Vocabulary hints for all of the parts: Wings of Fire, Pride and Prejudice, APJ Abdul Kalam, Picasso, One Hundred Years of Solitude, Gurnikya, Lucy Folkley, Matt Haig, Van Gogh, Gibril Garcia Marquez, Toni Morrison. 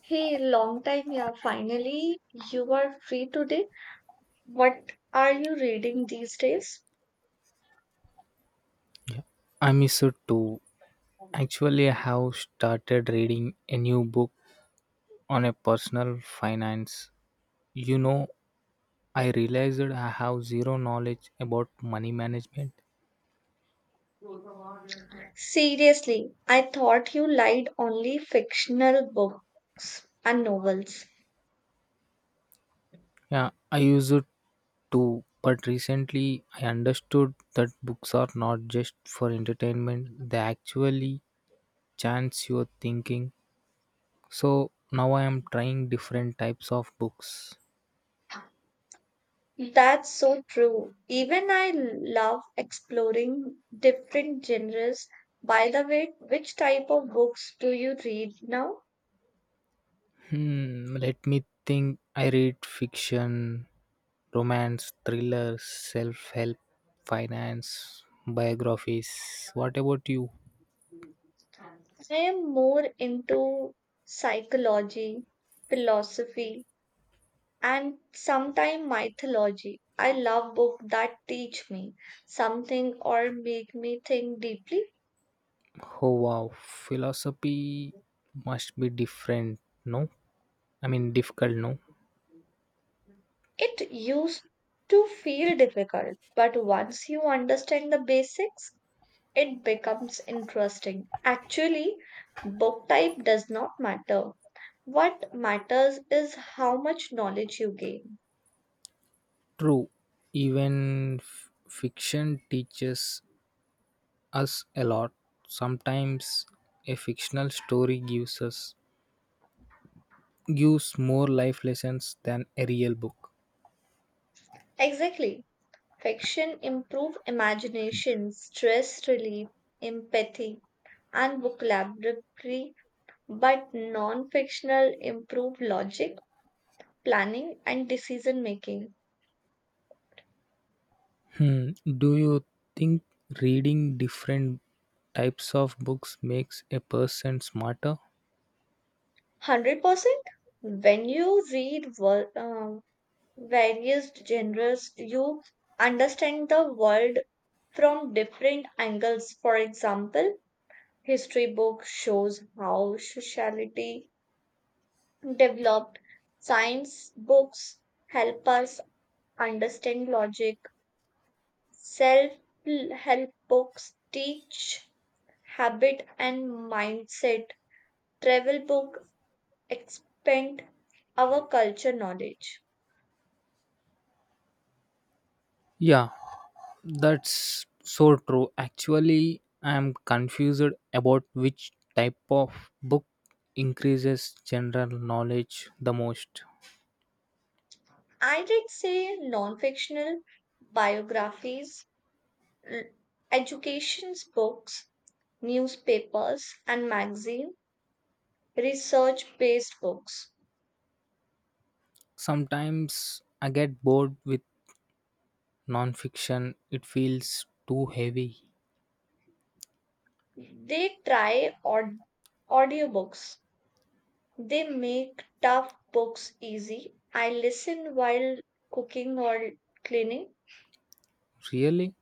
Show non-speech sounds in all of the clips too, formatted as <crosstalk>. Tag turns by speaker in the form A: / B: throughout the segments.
A: Hey, long time, yeah. Finally, you are free today. What are you reading these days?
B: I miss it too. Actually, I have started reading a new book on a personal finance. You know, I realized I have zero knowledge about money management.
A: Seriously, I thought you liked only fictional books and novels.
B: Yeah, I use it too, but recently I understood that books are not just for entertainment, they actually chance your thinking. So now I am trying different types of books.
A: That's so true. Even I love exploring different genres. By the way, which type of books do you read now?
B: Hmm, let me think. I read fiction, romance, thrillers, self help, finance, biographies. What about you?
A: I am more into psychology, philosophy, and sometime mythology. I love books that teach me something or make me think deeply.
B: Oh wow, philosophy must be different, no? I mean, difficult, no?
A: It used to feel difficult, but once you understand the basics, it becomes interesting. Actually, book type does not matter. What matters is how much knowledge you gain.
B: True, even fiction teaches us a lot. Sometimes a fictional story gives more life lessons than a real book.
A: Exactly. Fiction improve imagination, stress relief, empathy, and vocabulary but non fictional improve logic, planning, and decision making.
B: Hmm. Do you think reading different types of books makes a person smarter?
A: 100% when you read various genres, you understand the world from different angles. For example, history book shows how sociality developed, science books help us understand logic, self help books teach Habit and Mindset travel book expand our culture knowledge.
B: Yeah, that's so true. Actually, I'm confused about which type of book increases general knowledge the most.
A: I did say non fictional biographies, l- education books, newspapers, and magazine, research based books.
B: Sometimes I get bored with nonfiction, it feels too heavy.
A: They try audiobooks, they make tough books easy. I listen while cooking or cleaning.
B: Really?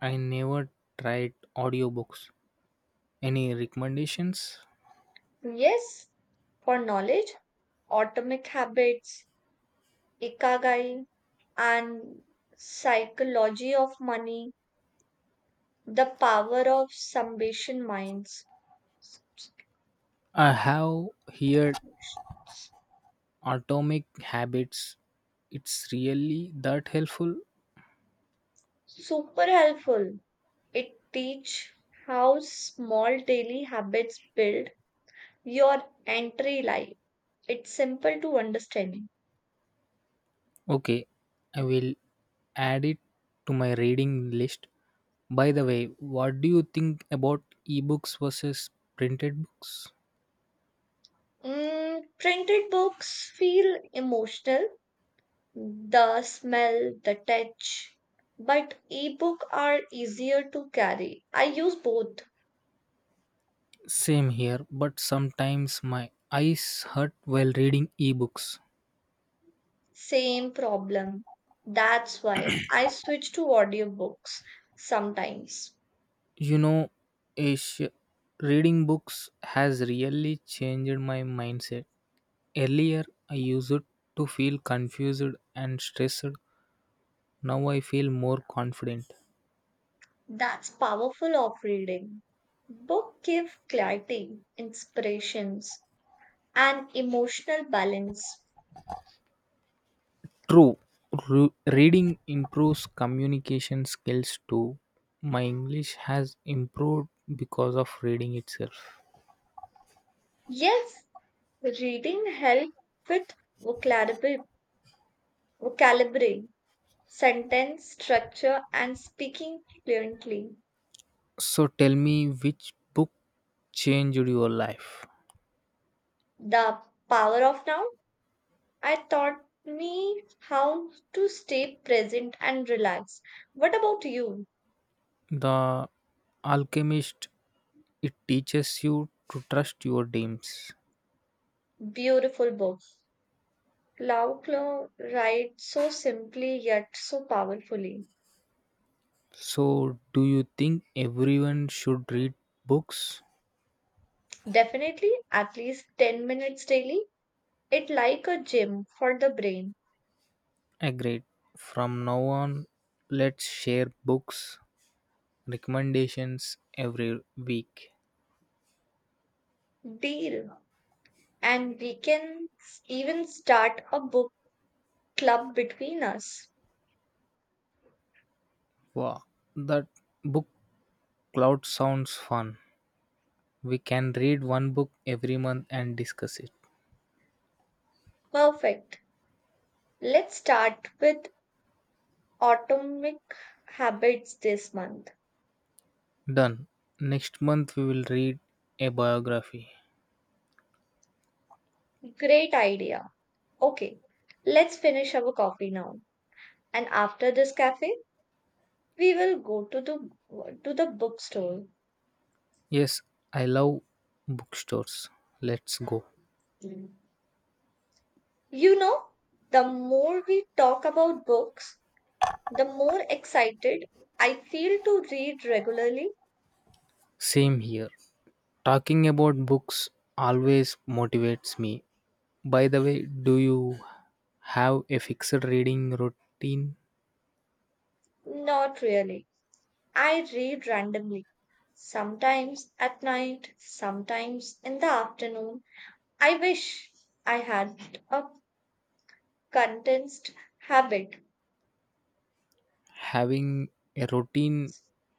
B: I never tried audiobooks. Any recommendations?
A: Yes, for knowledge Atomic Habits, Ikagai, and Psychology of Money, The Power of Summation Minds.
B: I have heard Atomic Habits. It's really that helpful.
A: Super helpful. It teach how small daily habits build your entry life. It's simple to understand.
B: Okay, I will add it to my reading list. By the way, what do you think about ebooks versus printed books?
A: Printed books feel emotional, the smell, the touch, but ebook are easier to carry. I use both.
B: Same here, but sometimes my eyes hurt while reading ebooks.
A: Same problem. That's why I switch to audiobooks sometimes.
B: You know, Ash, reading books has really changed my mindset. Earlier, I used to feel confused and stressed. Now I feel more confident.
A: That's powerful of reading. Book give clarity, inspirations, and emotional balance.
B: True, reading improves communication skills too. My English has improved because of reading itself.
A: Yes, reading help with vocabulary, vocabulary, sentence structure, and speaking fluently.
B: So tell me, which book changed your life?
A: The power of now I taught me how to stay present and relax. What about you?
B: The Alchemist, it teaches you to trust your dreams.
A: Beautiful book. Lau Klo writes so simply yet so powerfully.
B: So, do you think everyone should read books?
A: Definitely at least 10 minutes daily. It like a gym for the brain.
B: Agreed. From now on, let's share books recommendations every week.
A: Deal. And we can even start a book club between us.
B: Wow, that book cloud sounds fun. We can read one book every month and discuss it.
A: Perfect. Let's start with Atomic Habits this month.
B: Done. Next month we will read a biography.
A: Great idea. Okay, let's finish our coffee now. And after this cafe, we will go to the bookstore.
B: Yes, I love bookstores. Let's go.
A: You know, the more we talk about books, the more excited I feel to read regularly.
B: Same here. Talking about books always motivates me. By the way, do you have a fixed reading routine?
A: Not really. I read randomly. Sometimes at night, sometimes in the afternoon. I wish I had a condensed habit.
B: Having a routine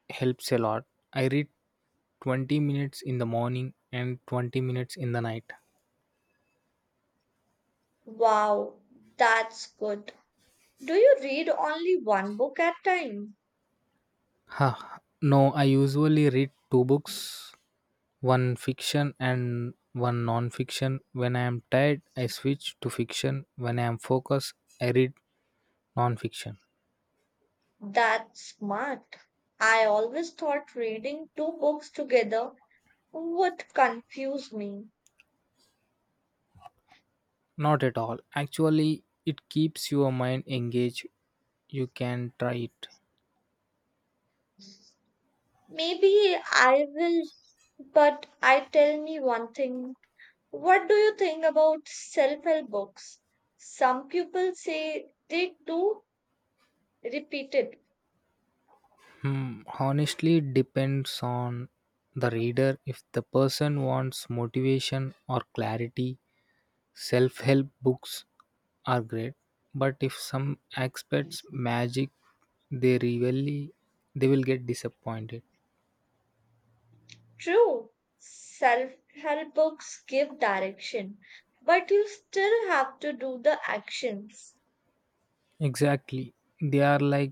B: helps a lot. I read 20 minutes in the morning and 20 minutes in the night.
A: Wow, that's good. Do you read only one book at time?
B: Huh. No, I usually read two books, one fiction and one non fiction. When I am tired, I switch to fiction. When I am focused, I read non fiction.
A: That's smart. I always thought reading two books together would confuse me.
B: Not at all. Actually, it keeps your mind engaged. You can try it.
A: Maybe I will, but I tell me one thing. What do you think about self-help books? Some people say they do repeated.
B: Hmm, honestly, depends on the reader. If the person wants motivation or clarity, self help books are great. But if some expects magic, they really they will get disappointed.
A: True, self-help books give direction, but you still have to do the actions.
B: Exactly, they are like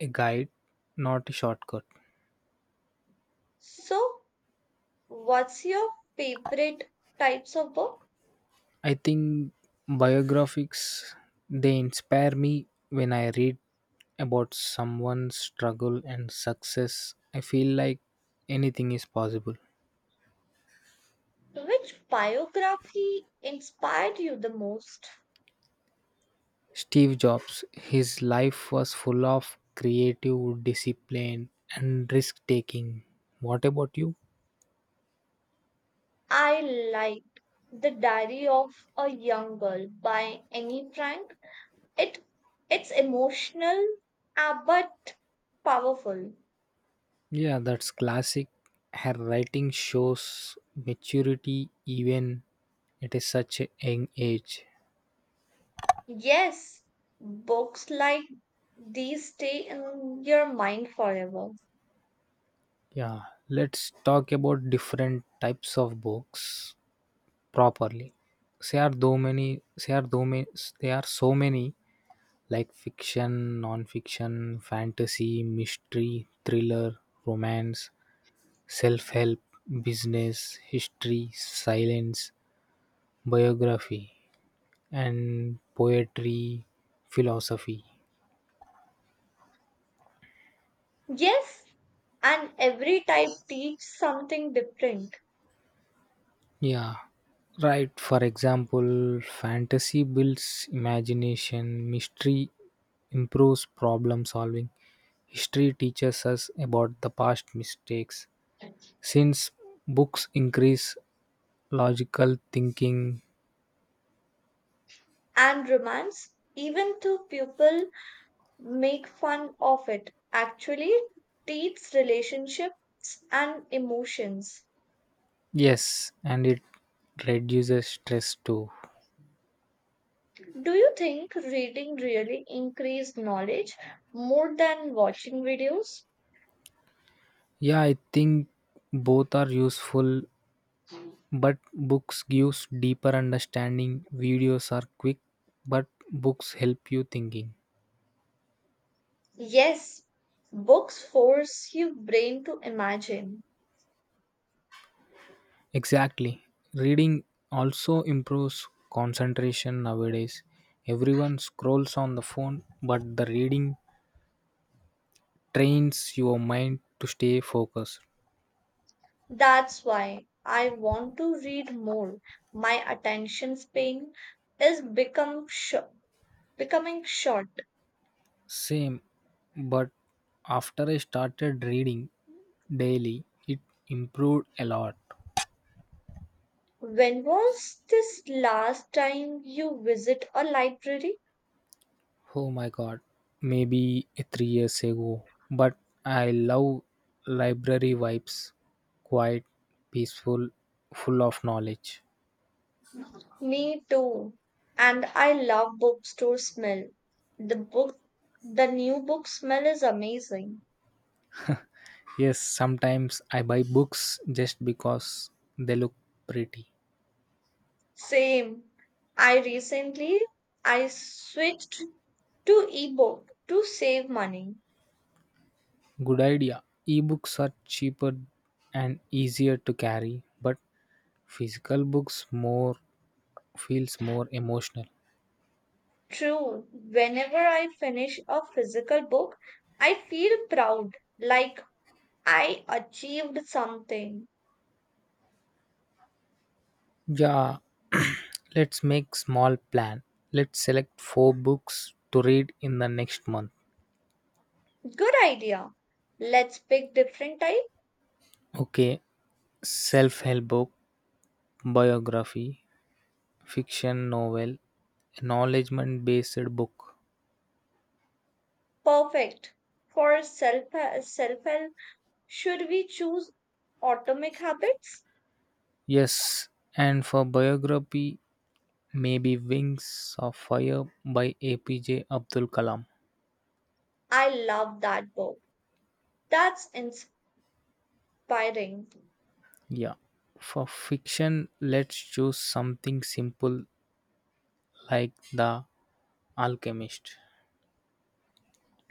B: a guide, not a shortcut.
A: So what's your favorite types of book?
B: I think biographies they inspire me when I read about someone's struggle and success. I feel like anything is possible.
A: Which biography inspired you the most?
B: Steve Jobs, his life was full of creative discipline and risk taking. What about you?
A: I liked The Diary of a Young Girl by Annie Frank. It it's emotional but powerful.
B: Yeah, that's classic. Her writing shows maturity even at a such a young age.
A: Yes, books like these stay in your mind forever.
B: Yeah, let's talk about different types of books properly. There are though many. There are though many. There are so many like fiction, non-fiction, fantasy, mystery, thriller, romance, self-help, business, history, silence, biography, and poetry, philosophy.
A: Yes, and every type teach something different.
B: Yeah, right. For example, fantasy builds imagination, mystery improves problem solving, history teaches us about the past mistakes. Since books increase logical thinking,
A: And romance, even to people make fun of it. Actually, teaches relationships and emotions.
B: yes, and it reduces stress too.
A: Do you think reading really increased knowledge more than watching videos?
B: Yeah, I think both are useful, but books gives deeper understanding, videos are quick, but books help you thinking.
A: Yes, books force your brain to imagine.
B: Exactly. Reading also improves concentration nowadays. Everyone scrolls on the phone, but the reading trains your mind to stay focused.
A: That's why I want to read more. My attention span is becoming short.
B: Same, but after I started reading daily, it improved a lot.
A: When was this last time you visit a library?
B: Oh my god, maybe 3 years ago. But I love library vibes, quiet, peaceful, full of knowledge.
A: Me too. And I love bookstore smell. The book, the new book smell is amazing.
B: Yes, sometimes I buy books just because they look pretty.
A: Same. I recently I switched to ebook to save money.
B: Good idea. Ebooks are cheaper and easier to carry, but physical books more feels more emotional.
A: True. Whenever I finish a physical book, I feel proud, like I achieved something.
B: Yeah, <clears throat> let's make small plan. Let's select 4 books to read in the next month.
A: Good idea. Let's pick different type.
B: Okay, self-help book, biography, fiction novel, acknowledgement based book.
A: Perfect for self help should we choose Atomic Habits?
B: Yes, and for biography, maybe Wings of Fire by APJ Abdul Kalam.
A: I love that book. That's inspiring.
B: Yeah. For fiction, let's choose something simple like The Alchemist.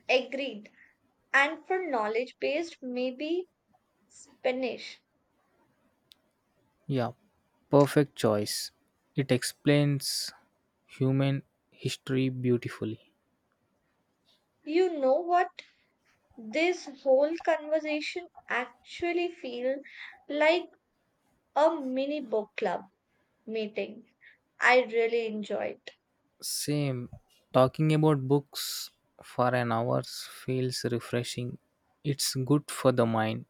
A: Agreed. And for knowledge based, maybe Spanish.
B: Yeah. Perfect choice. It explains human history beautifully.
A: You know what? This whole conversation actually feels like a mini book club meeting. I really enjoyed.
B: Same. Talking about books for an hour feels refreshing. It's good for the mind.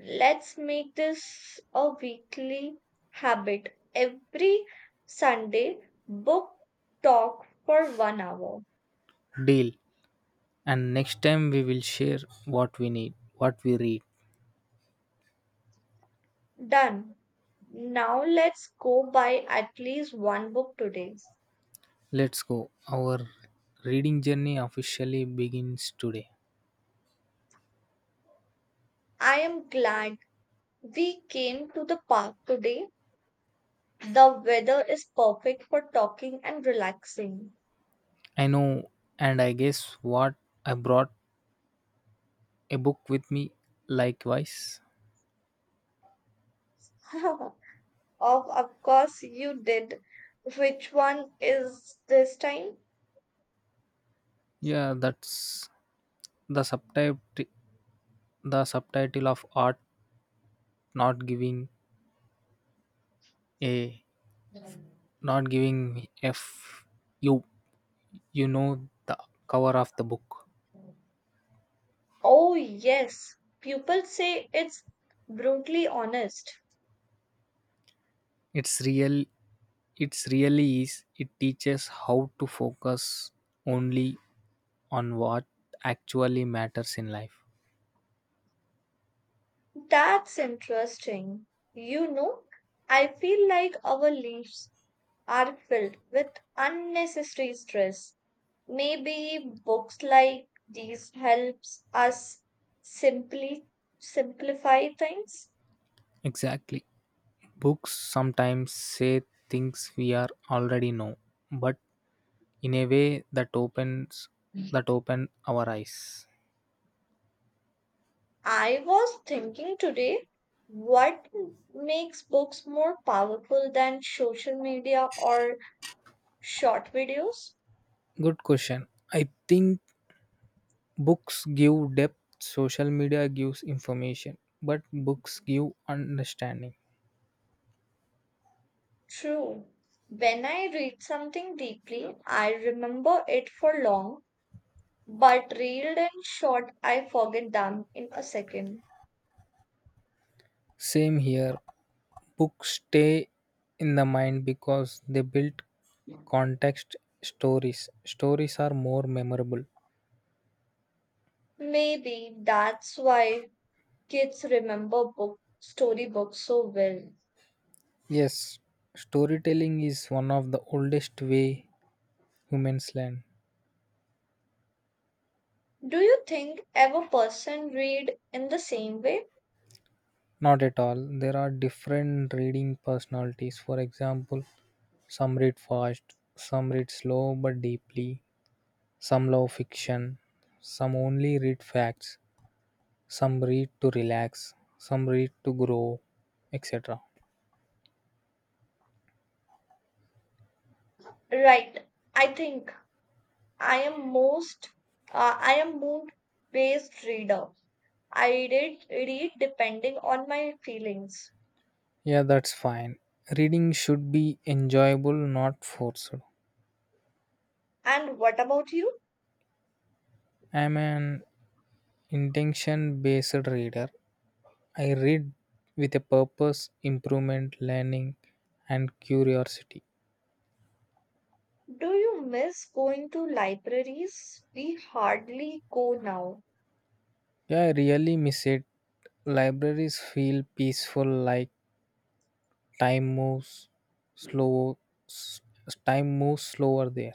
A: Let's make this a weekly habit. Every Sunday, book talk for 1 hour.
B: Deal. And next time we will share what we need, what we read.
A: Done. Now let's go buy at least one book today.
B: Let's go. Our reading journey officially begins today.
A: I am glad we came to the park today. The weather is perfect for talking and relaxing.
B: I know, and I guess what, I brought a book with me likewise.
A: <laughs> of, of course, you did. Which one is this time?
B: Yeah, that's the subtitle of art, not giving a not giving f, you you know the cover of the book.
A: Oh, yes. People say it's brutally honest.
B: It's real it's really is, it teaches how to focus only on what actually matters in life.
A: That's interesting. You know, I feel like our leaves are filled with unnecessary stress. Maybe books like these helps us simply simplify things.
B: Exactly. Books sometimes say things we are already know, but in a way that open our eyes.
A: I was thinking today what makes books more powerful than social media or short videos?
B: Good question. I think books give depth, social media gives information, but books give understanding.
A: True. When I read something deeply, I remember it for long, but reeled and short, I forget them in a second.
B: Same here. Books stay in the mind because they build context stories. Stories are more memorable.
A: Maybe that's why kids remember book storybooks so well.
B: Yes, storytelling is one of the oldest way humans learn.
A: Do you think ever person read in the same way?
B: Not at all, there are different reading personalities. For example, some read fast, some read slow but deeply, some love fiction, some only read facts, some read to relax, some read to grow, etc.
A: Right. I think I am most I am mood based reader. I read depending on my feelings.
B: Yeah, that's fine. Reading should be enjoyable, not forced.
A: And what about you?
B: I'm an intention based reader. I read with a purpose, improvement, learning, and curiosity.
A: Do you miss going to libraries? We hardly go now.
B: Yeah, I really miss it. Libraries feel peaceful, like time moves slow. s- Time moves slower there.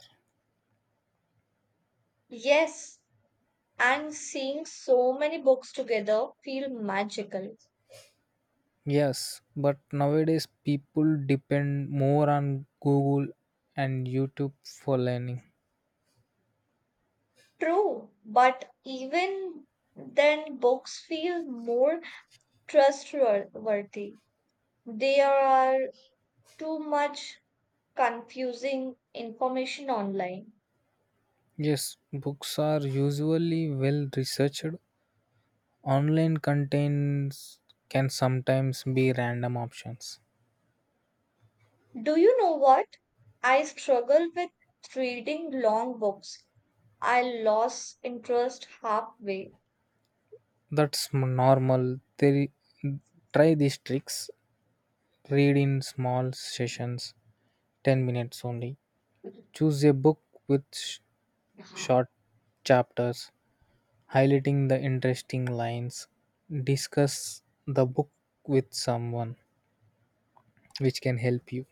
A: Yes, and seeing so many books together feel magical.
B: Yes, but nowadays people depend more on Google and YouTube for learning.
A: True, but even then books feel more trustworthy. There are too much confusing information online.
B: Yes, books are usually well researched. Online contents can sometimes be random options.
A: Do you know what? I struggle with reading long books. I lost interest halfway.
B: That's normal. They try these tricks. Read in small sessions, 10 minutes only. Choose a book with short chapters, highlighting the interesting lines. Discuss the book with someone which can help you.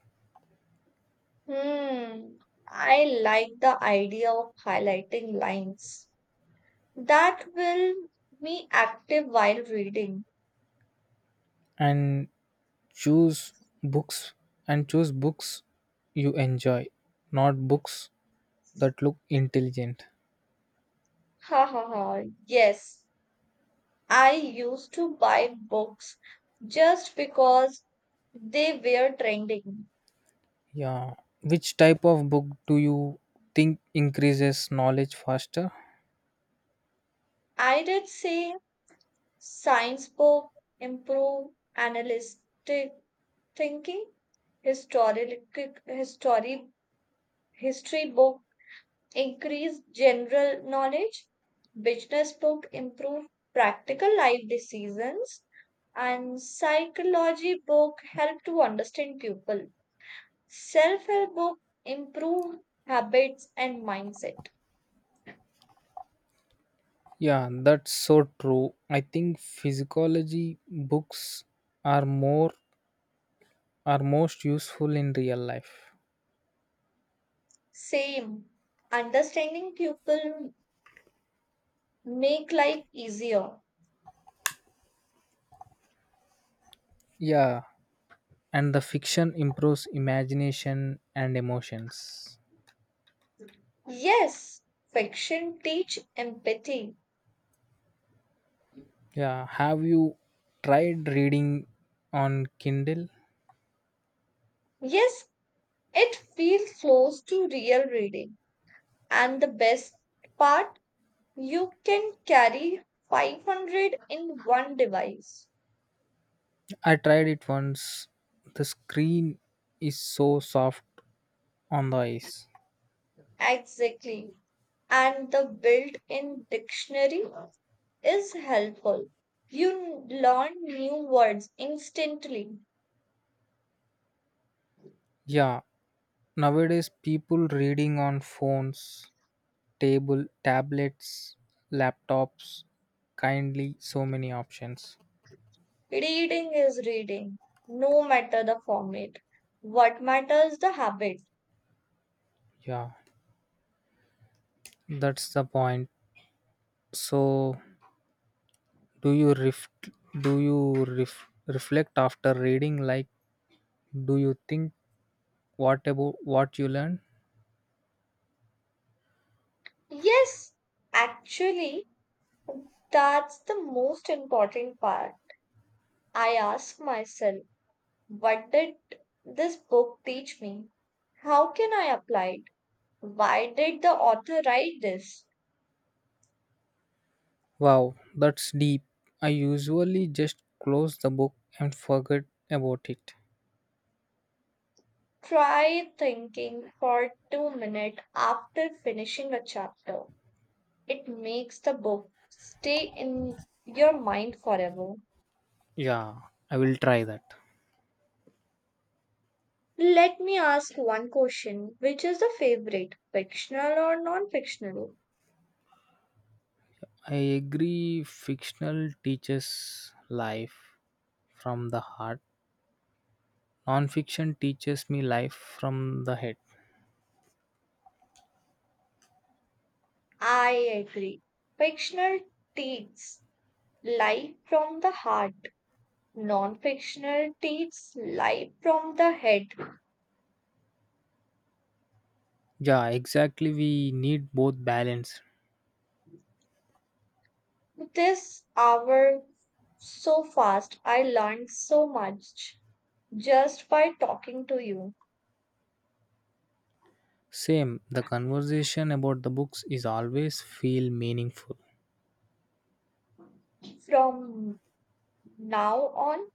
A: Hmm, I like the idea of highlighting lines. That will be active while reading.
B: And choose books and choose books you enjoy, not books that look intelligent.
A: Ha ha ha. Yes, I used to buy books just because they were trending.
B: Yeah. Which type of book do you think increases knowledge faster?
A: I did say science book, improve analytic thinking, historical history history book increase general knowledge, business book improve practical life decisions, and psychology book help to understand people. Self-help book improve habits and mindset.
B: Yeah, that's so true. I think physiology books are more are most useful in real life.
A: Same, understanding people make life easier.
B: Yeah, and the fiction improves imagination and emotions.
A: Yes, fiction teach empathy.
B: Yeah, have you tried reading on Kindle?
A: Yes, it feels close to real reading. And the best part, you can carry 500 in one device.
B: I tried it once. The screen is so soft on the eyes.
A: Exactly. And the built in dictionary is helpful. You learn new words instantly.
B: Yeah, nowadays people reading on phones, tablets, laptops, kindly, so many options.
A: Reading is reading, no matter the format. What matters the habit.
B: Yeah, that's the point. So do you ref- reflect after reading? Like, do you think, what about what you learned?
A: Yes, actually, that's the most important part. I ask myself what did this book teach me? How can I apply it? Why did the author write this?
B: Wow, that's deep. I usually just close the book and forget about it.
A: Try thinking for 2 minutes after finishing a chapter. It makes the book stay in your mind forever.
B: Yeah, I will try that.
A: Let me ask one question. Which is the favorite, fictional or non fictional?
B: I agree, fictional teaches life from the heart. Nonfiction teaches me life from the head.
A: I agree. Fictional takes life from the heart non-fictional takes life from the head.
B: Yeah, exactly. We need both balance.
A: This hour so fast. I learned so much just by talking to you.
B: Same, the conversation about the books is always feel meaningful.
A: From now on,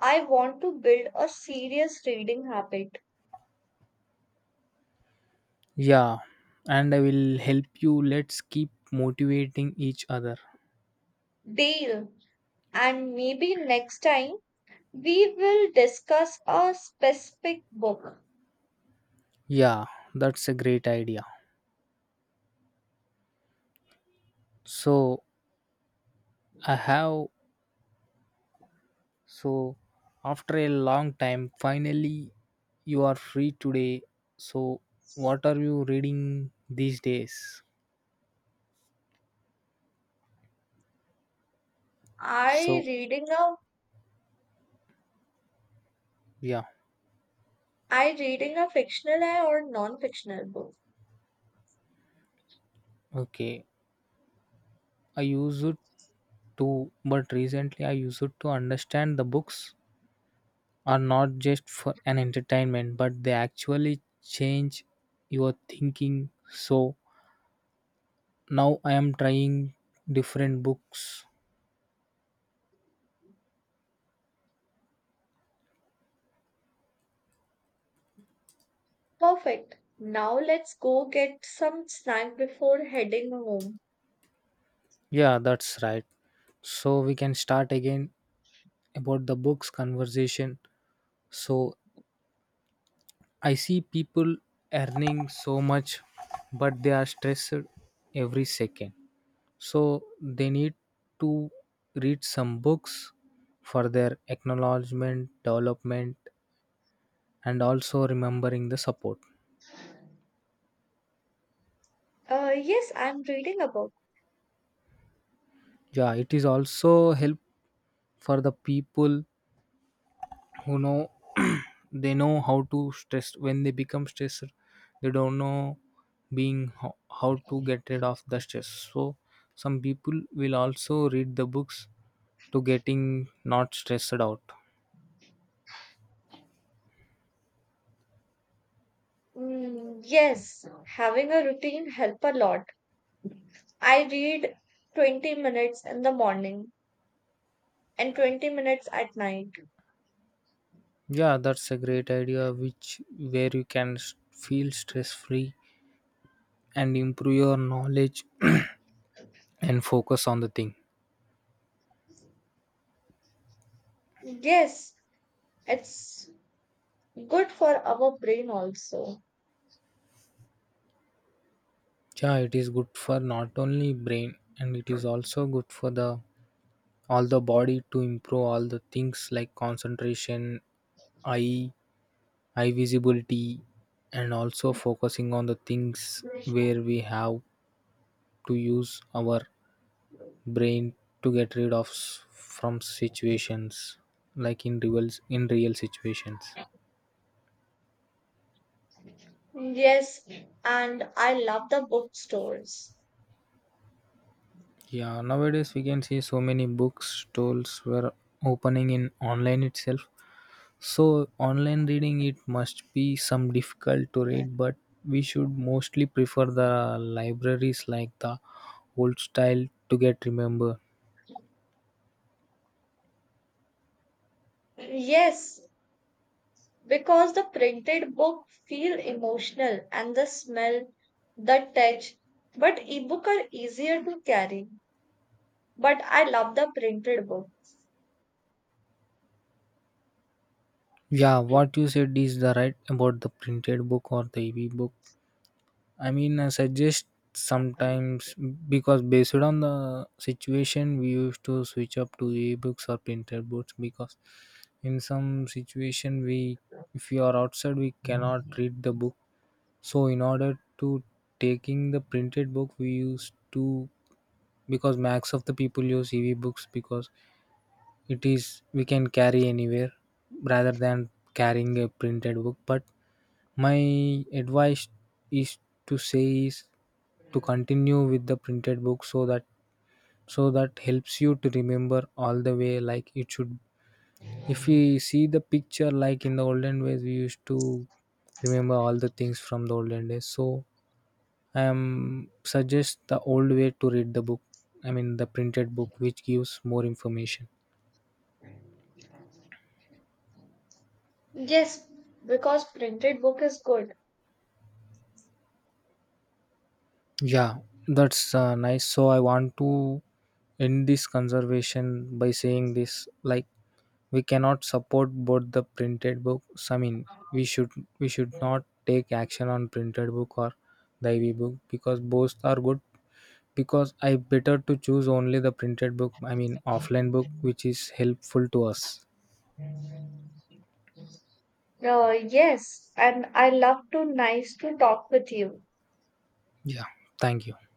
A: I want to build a serious reading habit.
B: Yeah, and I will help you. Let's keep motivating each other.
A: Deal. And maybe next time we will discuss a specific book.
B: Yeah, that's a great idea. So, I have so after a long time, finally you are free today. So, what are you reading these days?
A: Are you
B: So,
A: reading a
B: yeah,
A: are you reading a fictional or non-fictional book?
B: okay. I use it to, but recently I use it to understand the books are not just for an entertainment, but they actually change your thinking. So now I am trying different books.
A: Perfect. Now let's go get some snack before heading home.
B: Yeah, that's right. So we can start again about the books conversation. So I see people earning so much, but they are stressed every second. So they need to read some books for their acknowledgement, development, and also remembering the support.
A: Yes, I'm reading a book.
B: Yeah, it is also help for the people who know <clears throat> they know how to stress when they become stressed. They don't know being how to get rid of the stress. So some people will also read the books to getting not stressed out.
A: Yes, having a routine help a lot. I read 20 minutes in the morning and 20 minutes at night.
B: Yeah, that's a great idea which where you can feel stress free and improve your knowledge <clears throat> and focus on the thing.
A: Yes, it's good for our brain also.
B: Yeah, it is good for not only brain and it is also good for the all the body to improve all the things like concentration, eye, eye visibility and also focusing on the things where we have to use our brain to get rid of from situations like in real situations.
A: Yes, and I love the bookstores.
B: Yeah, nowadays we can see so many bookstores were opening in online itself. So online reading it must be some difficult to read, but we should mostly prefer the libraries like the old style to get remember.
A: Yes, because the printed book feel emotional and the smell the touch but ebook are easier to carry but I love the printed book
B: Yeah, what you said is the right about the printed book or the ebook. I mean, I suggest sometimes because based on the situation, we used to switch up to ebooks or printed books because in some situation if we are outside, we cannot read the book. So in order to taking the printed book, we used to because max of the people use EV books because it is we can carry anywhere rather than carrying a printed book. But my advice is is to continue with the printed book so that helps you to remember all the way like it should. If we see the picture like in the olden days we used to remember all the things from the olden days, so I am suggest the old way to read the book, I mean the printed book, which gives more information.
A: yes because printed book is good
B: Yeah, that's nice. So I want to end this conservation by saying this, like we cannot support both the printed books. I mean, we should we should not take action on printed book or the ev book because both are good, because I better to choose only the printed book, I mean offline book, which is helpful to us.
A: uh, yes and I love to nice to talk with you
B: Yeah, thank you.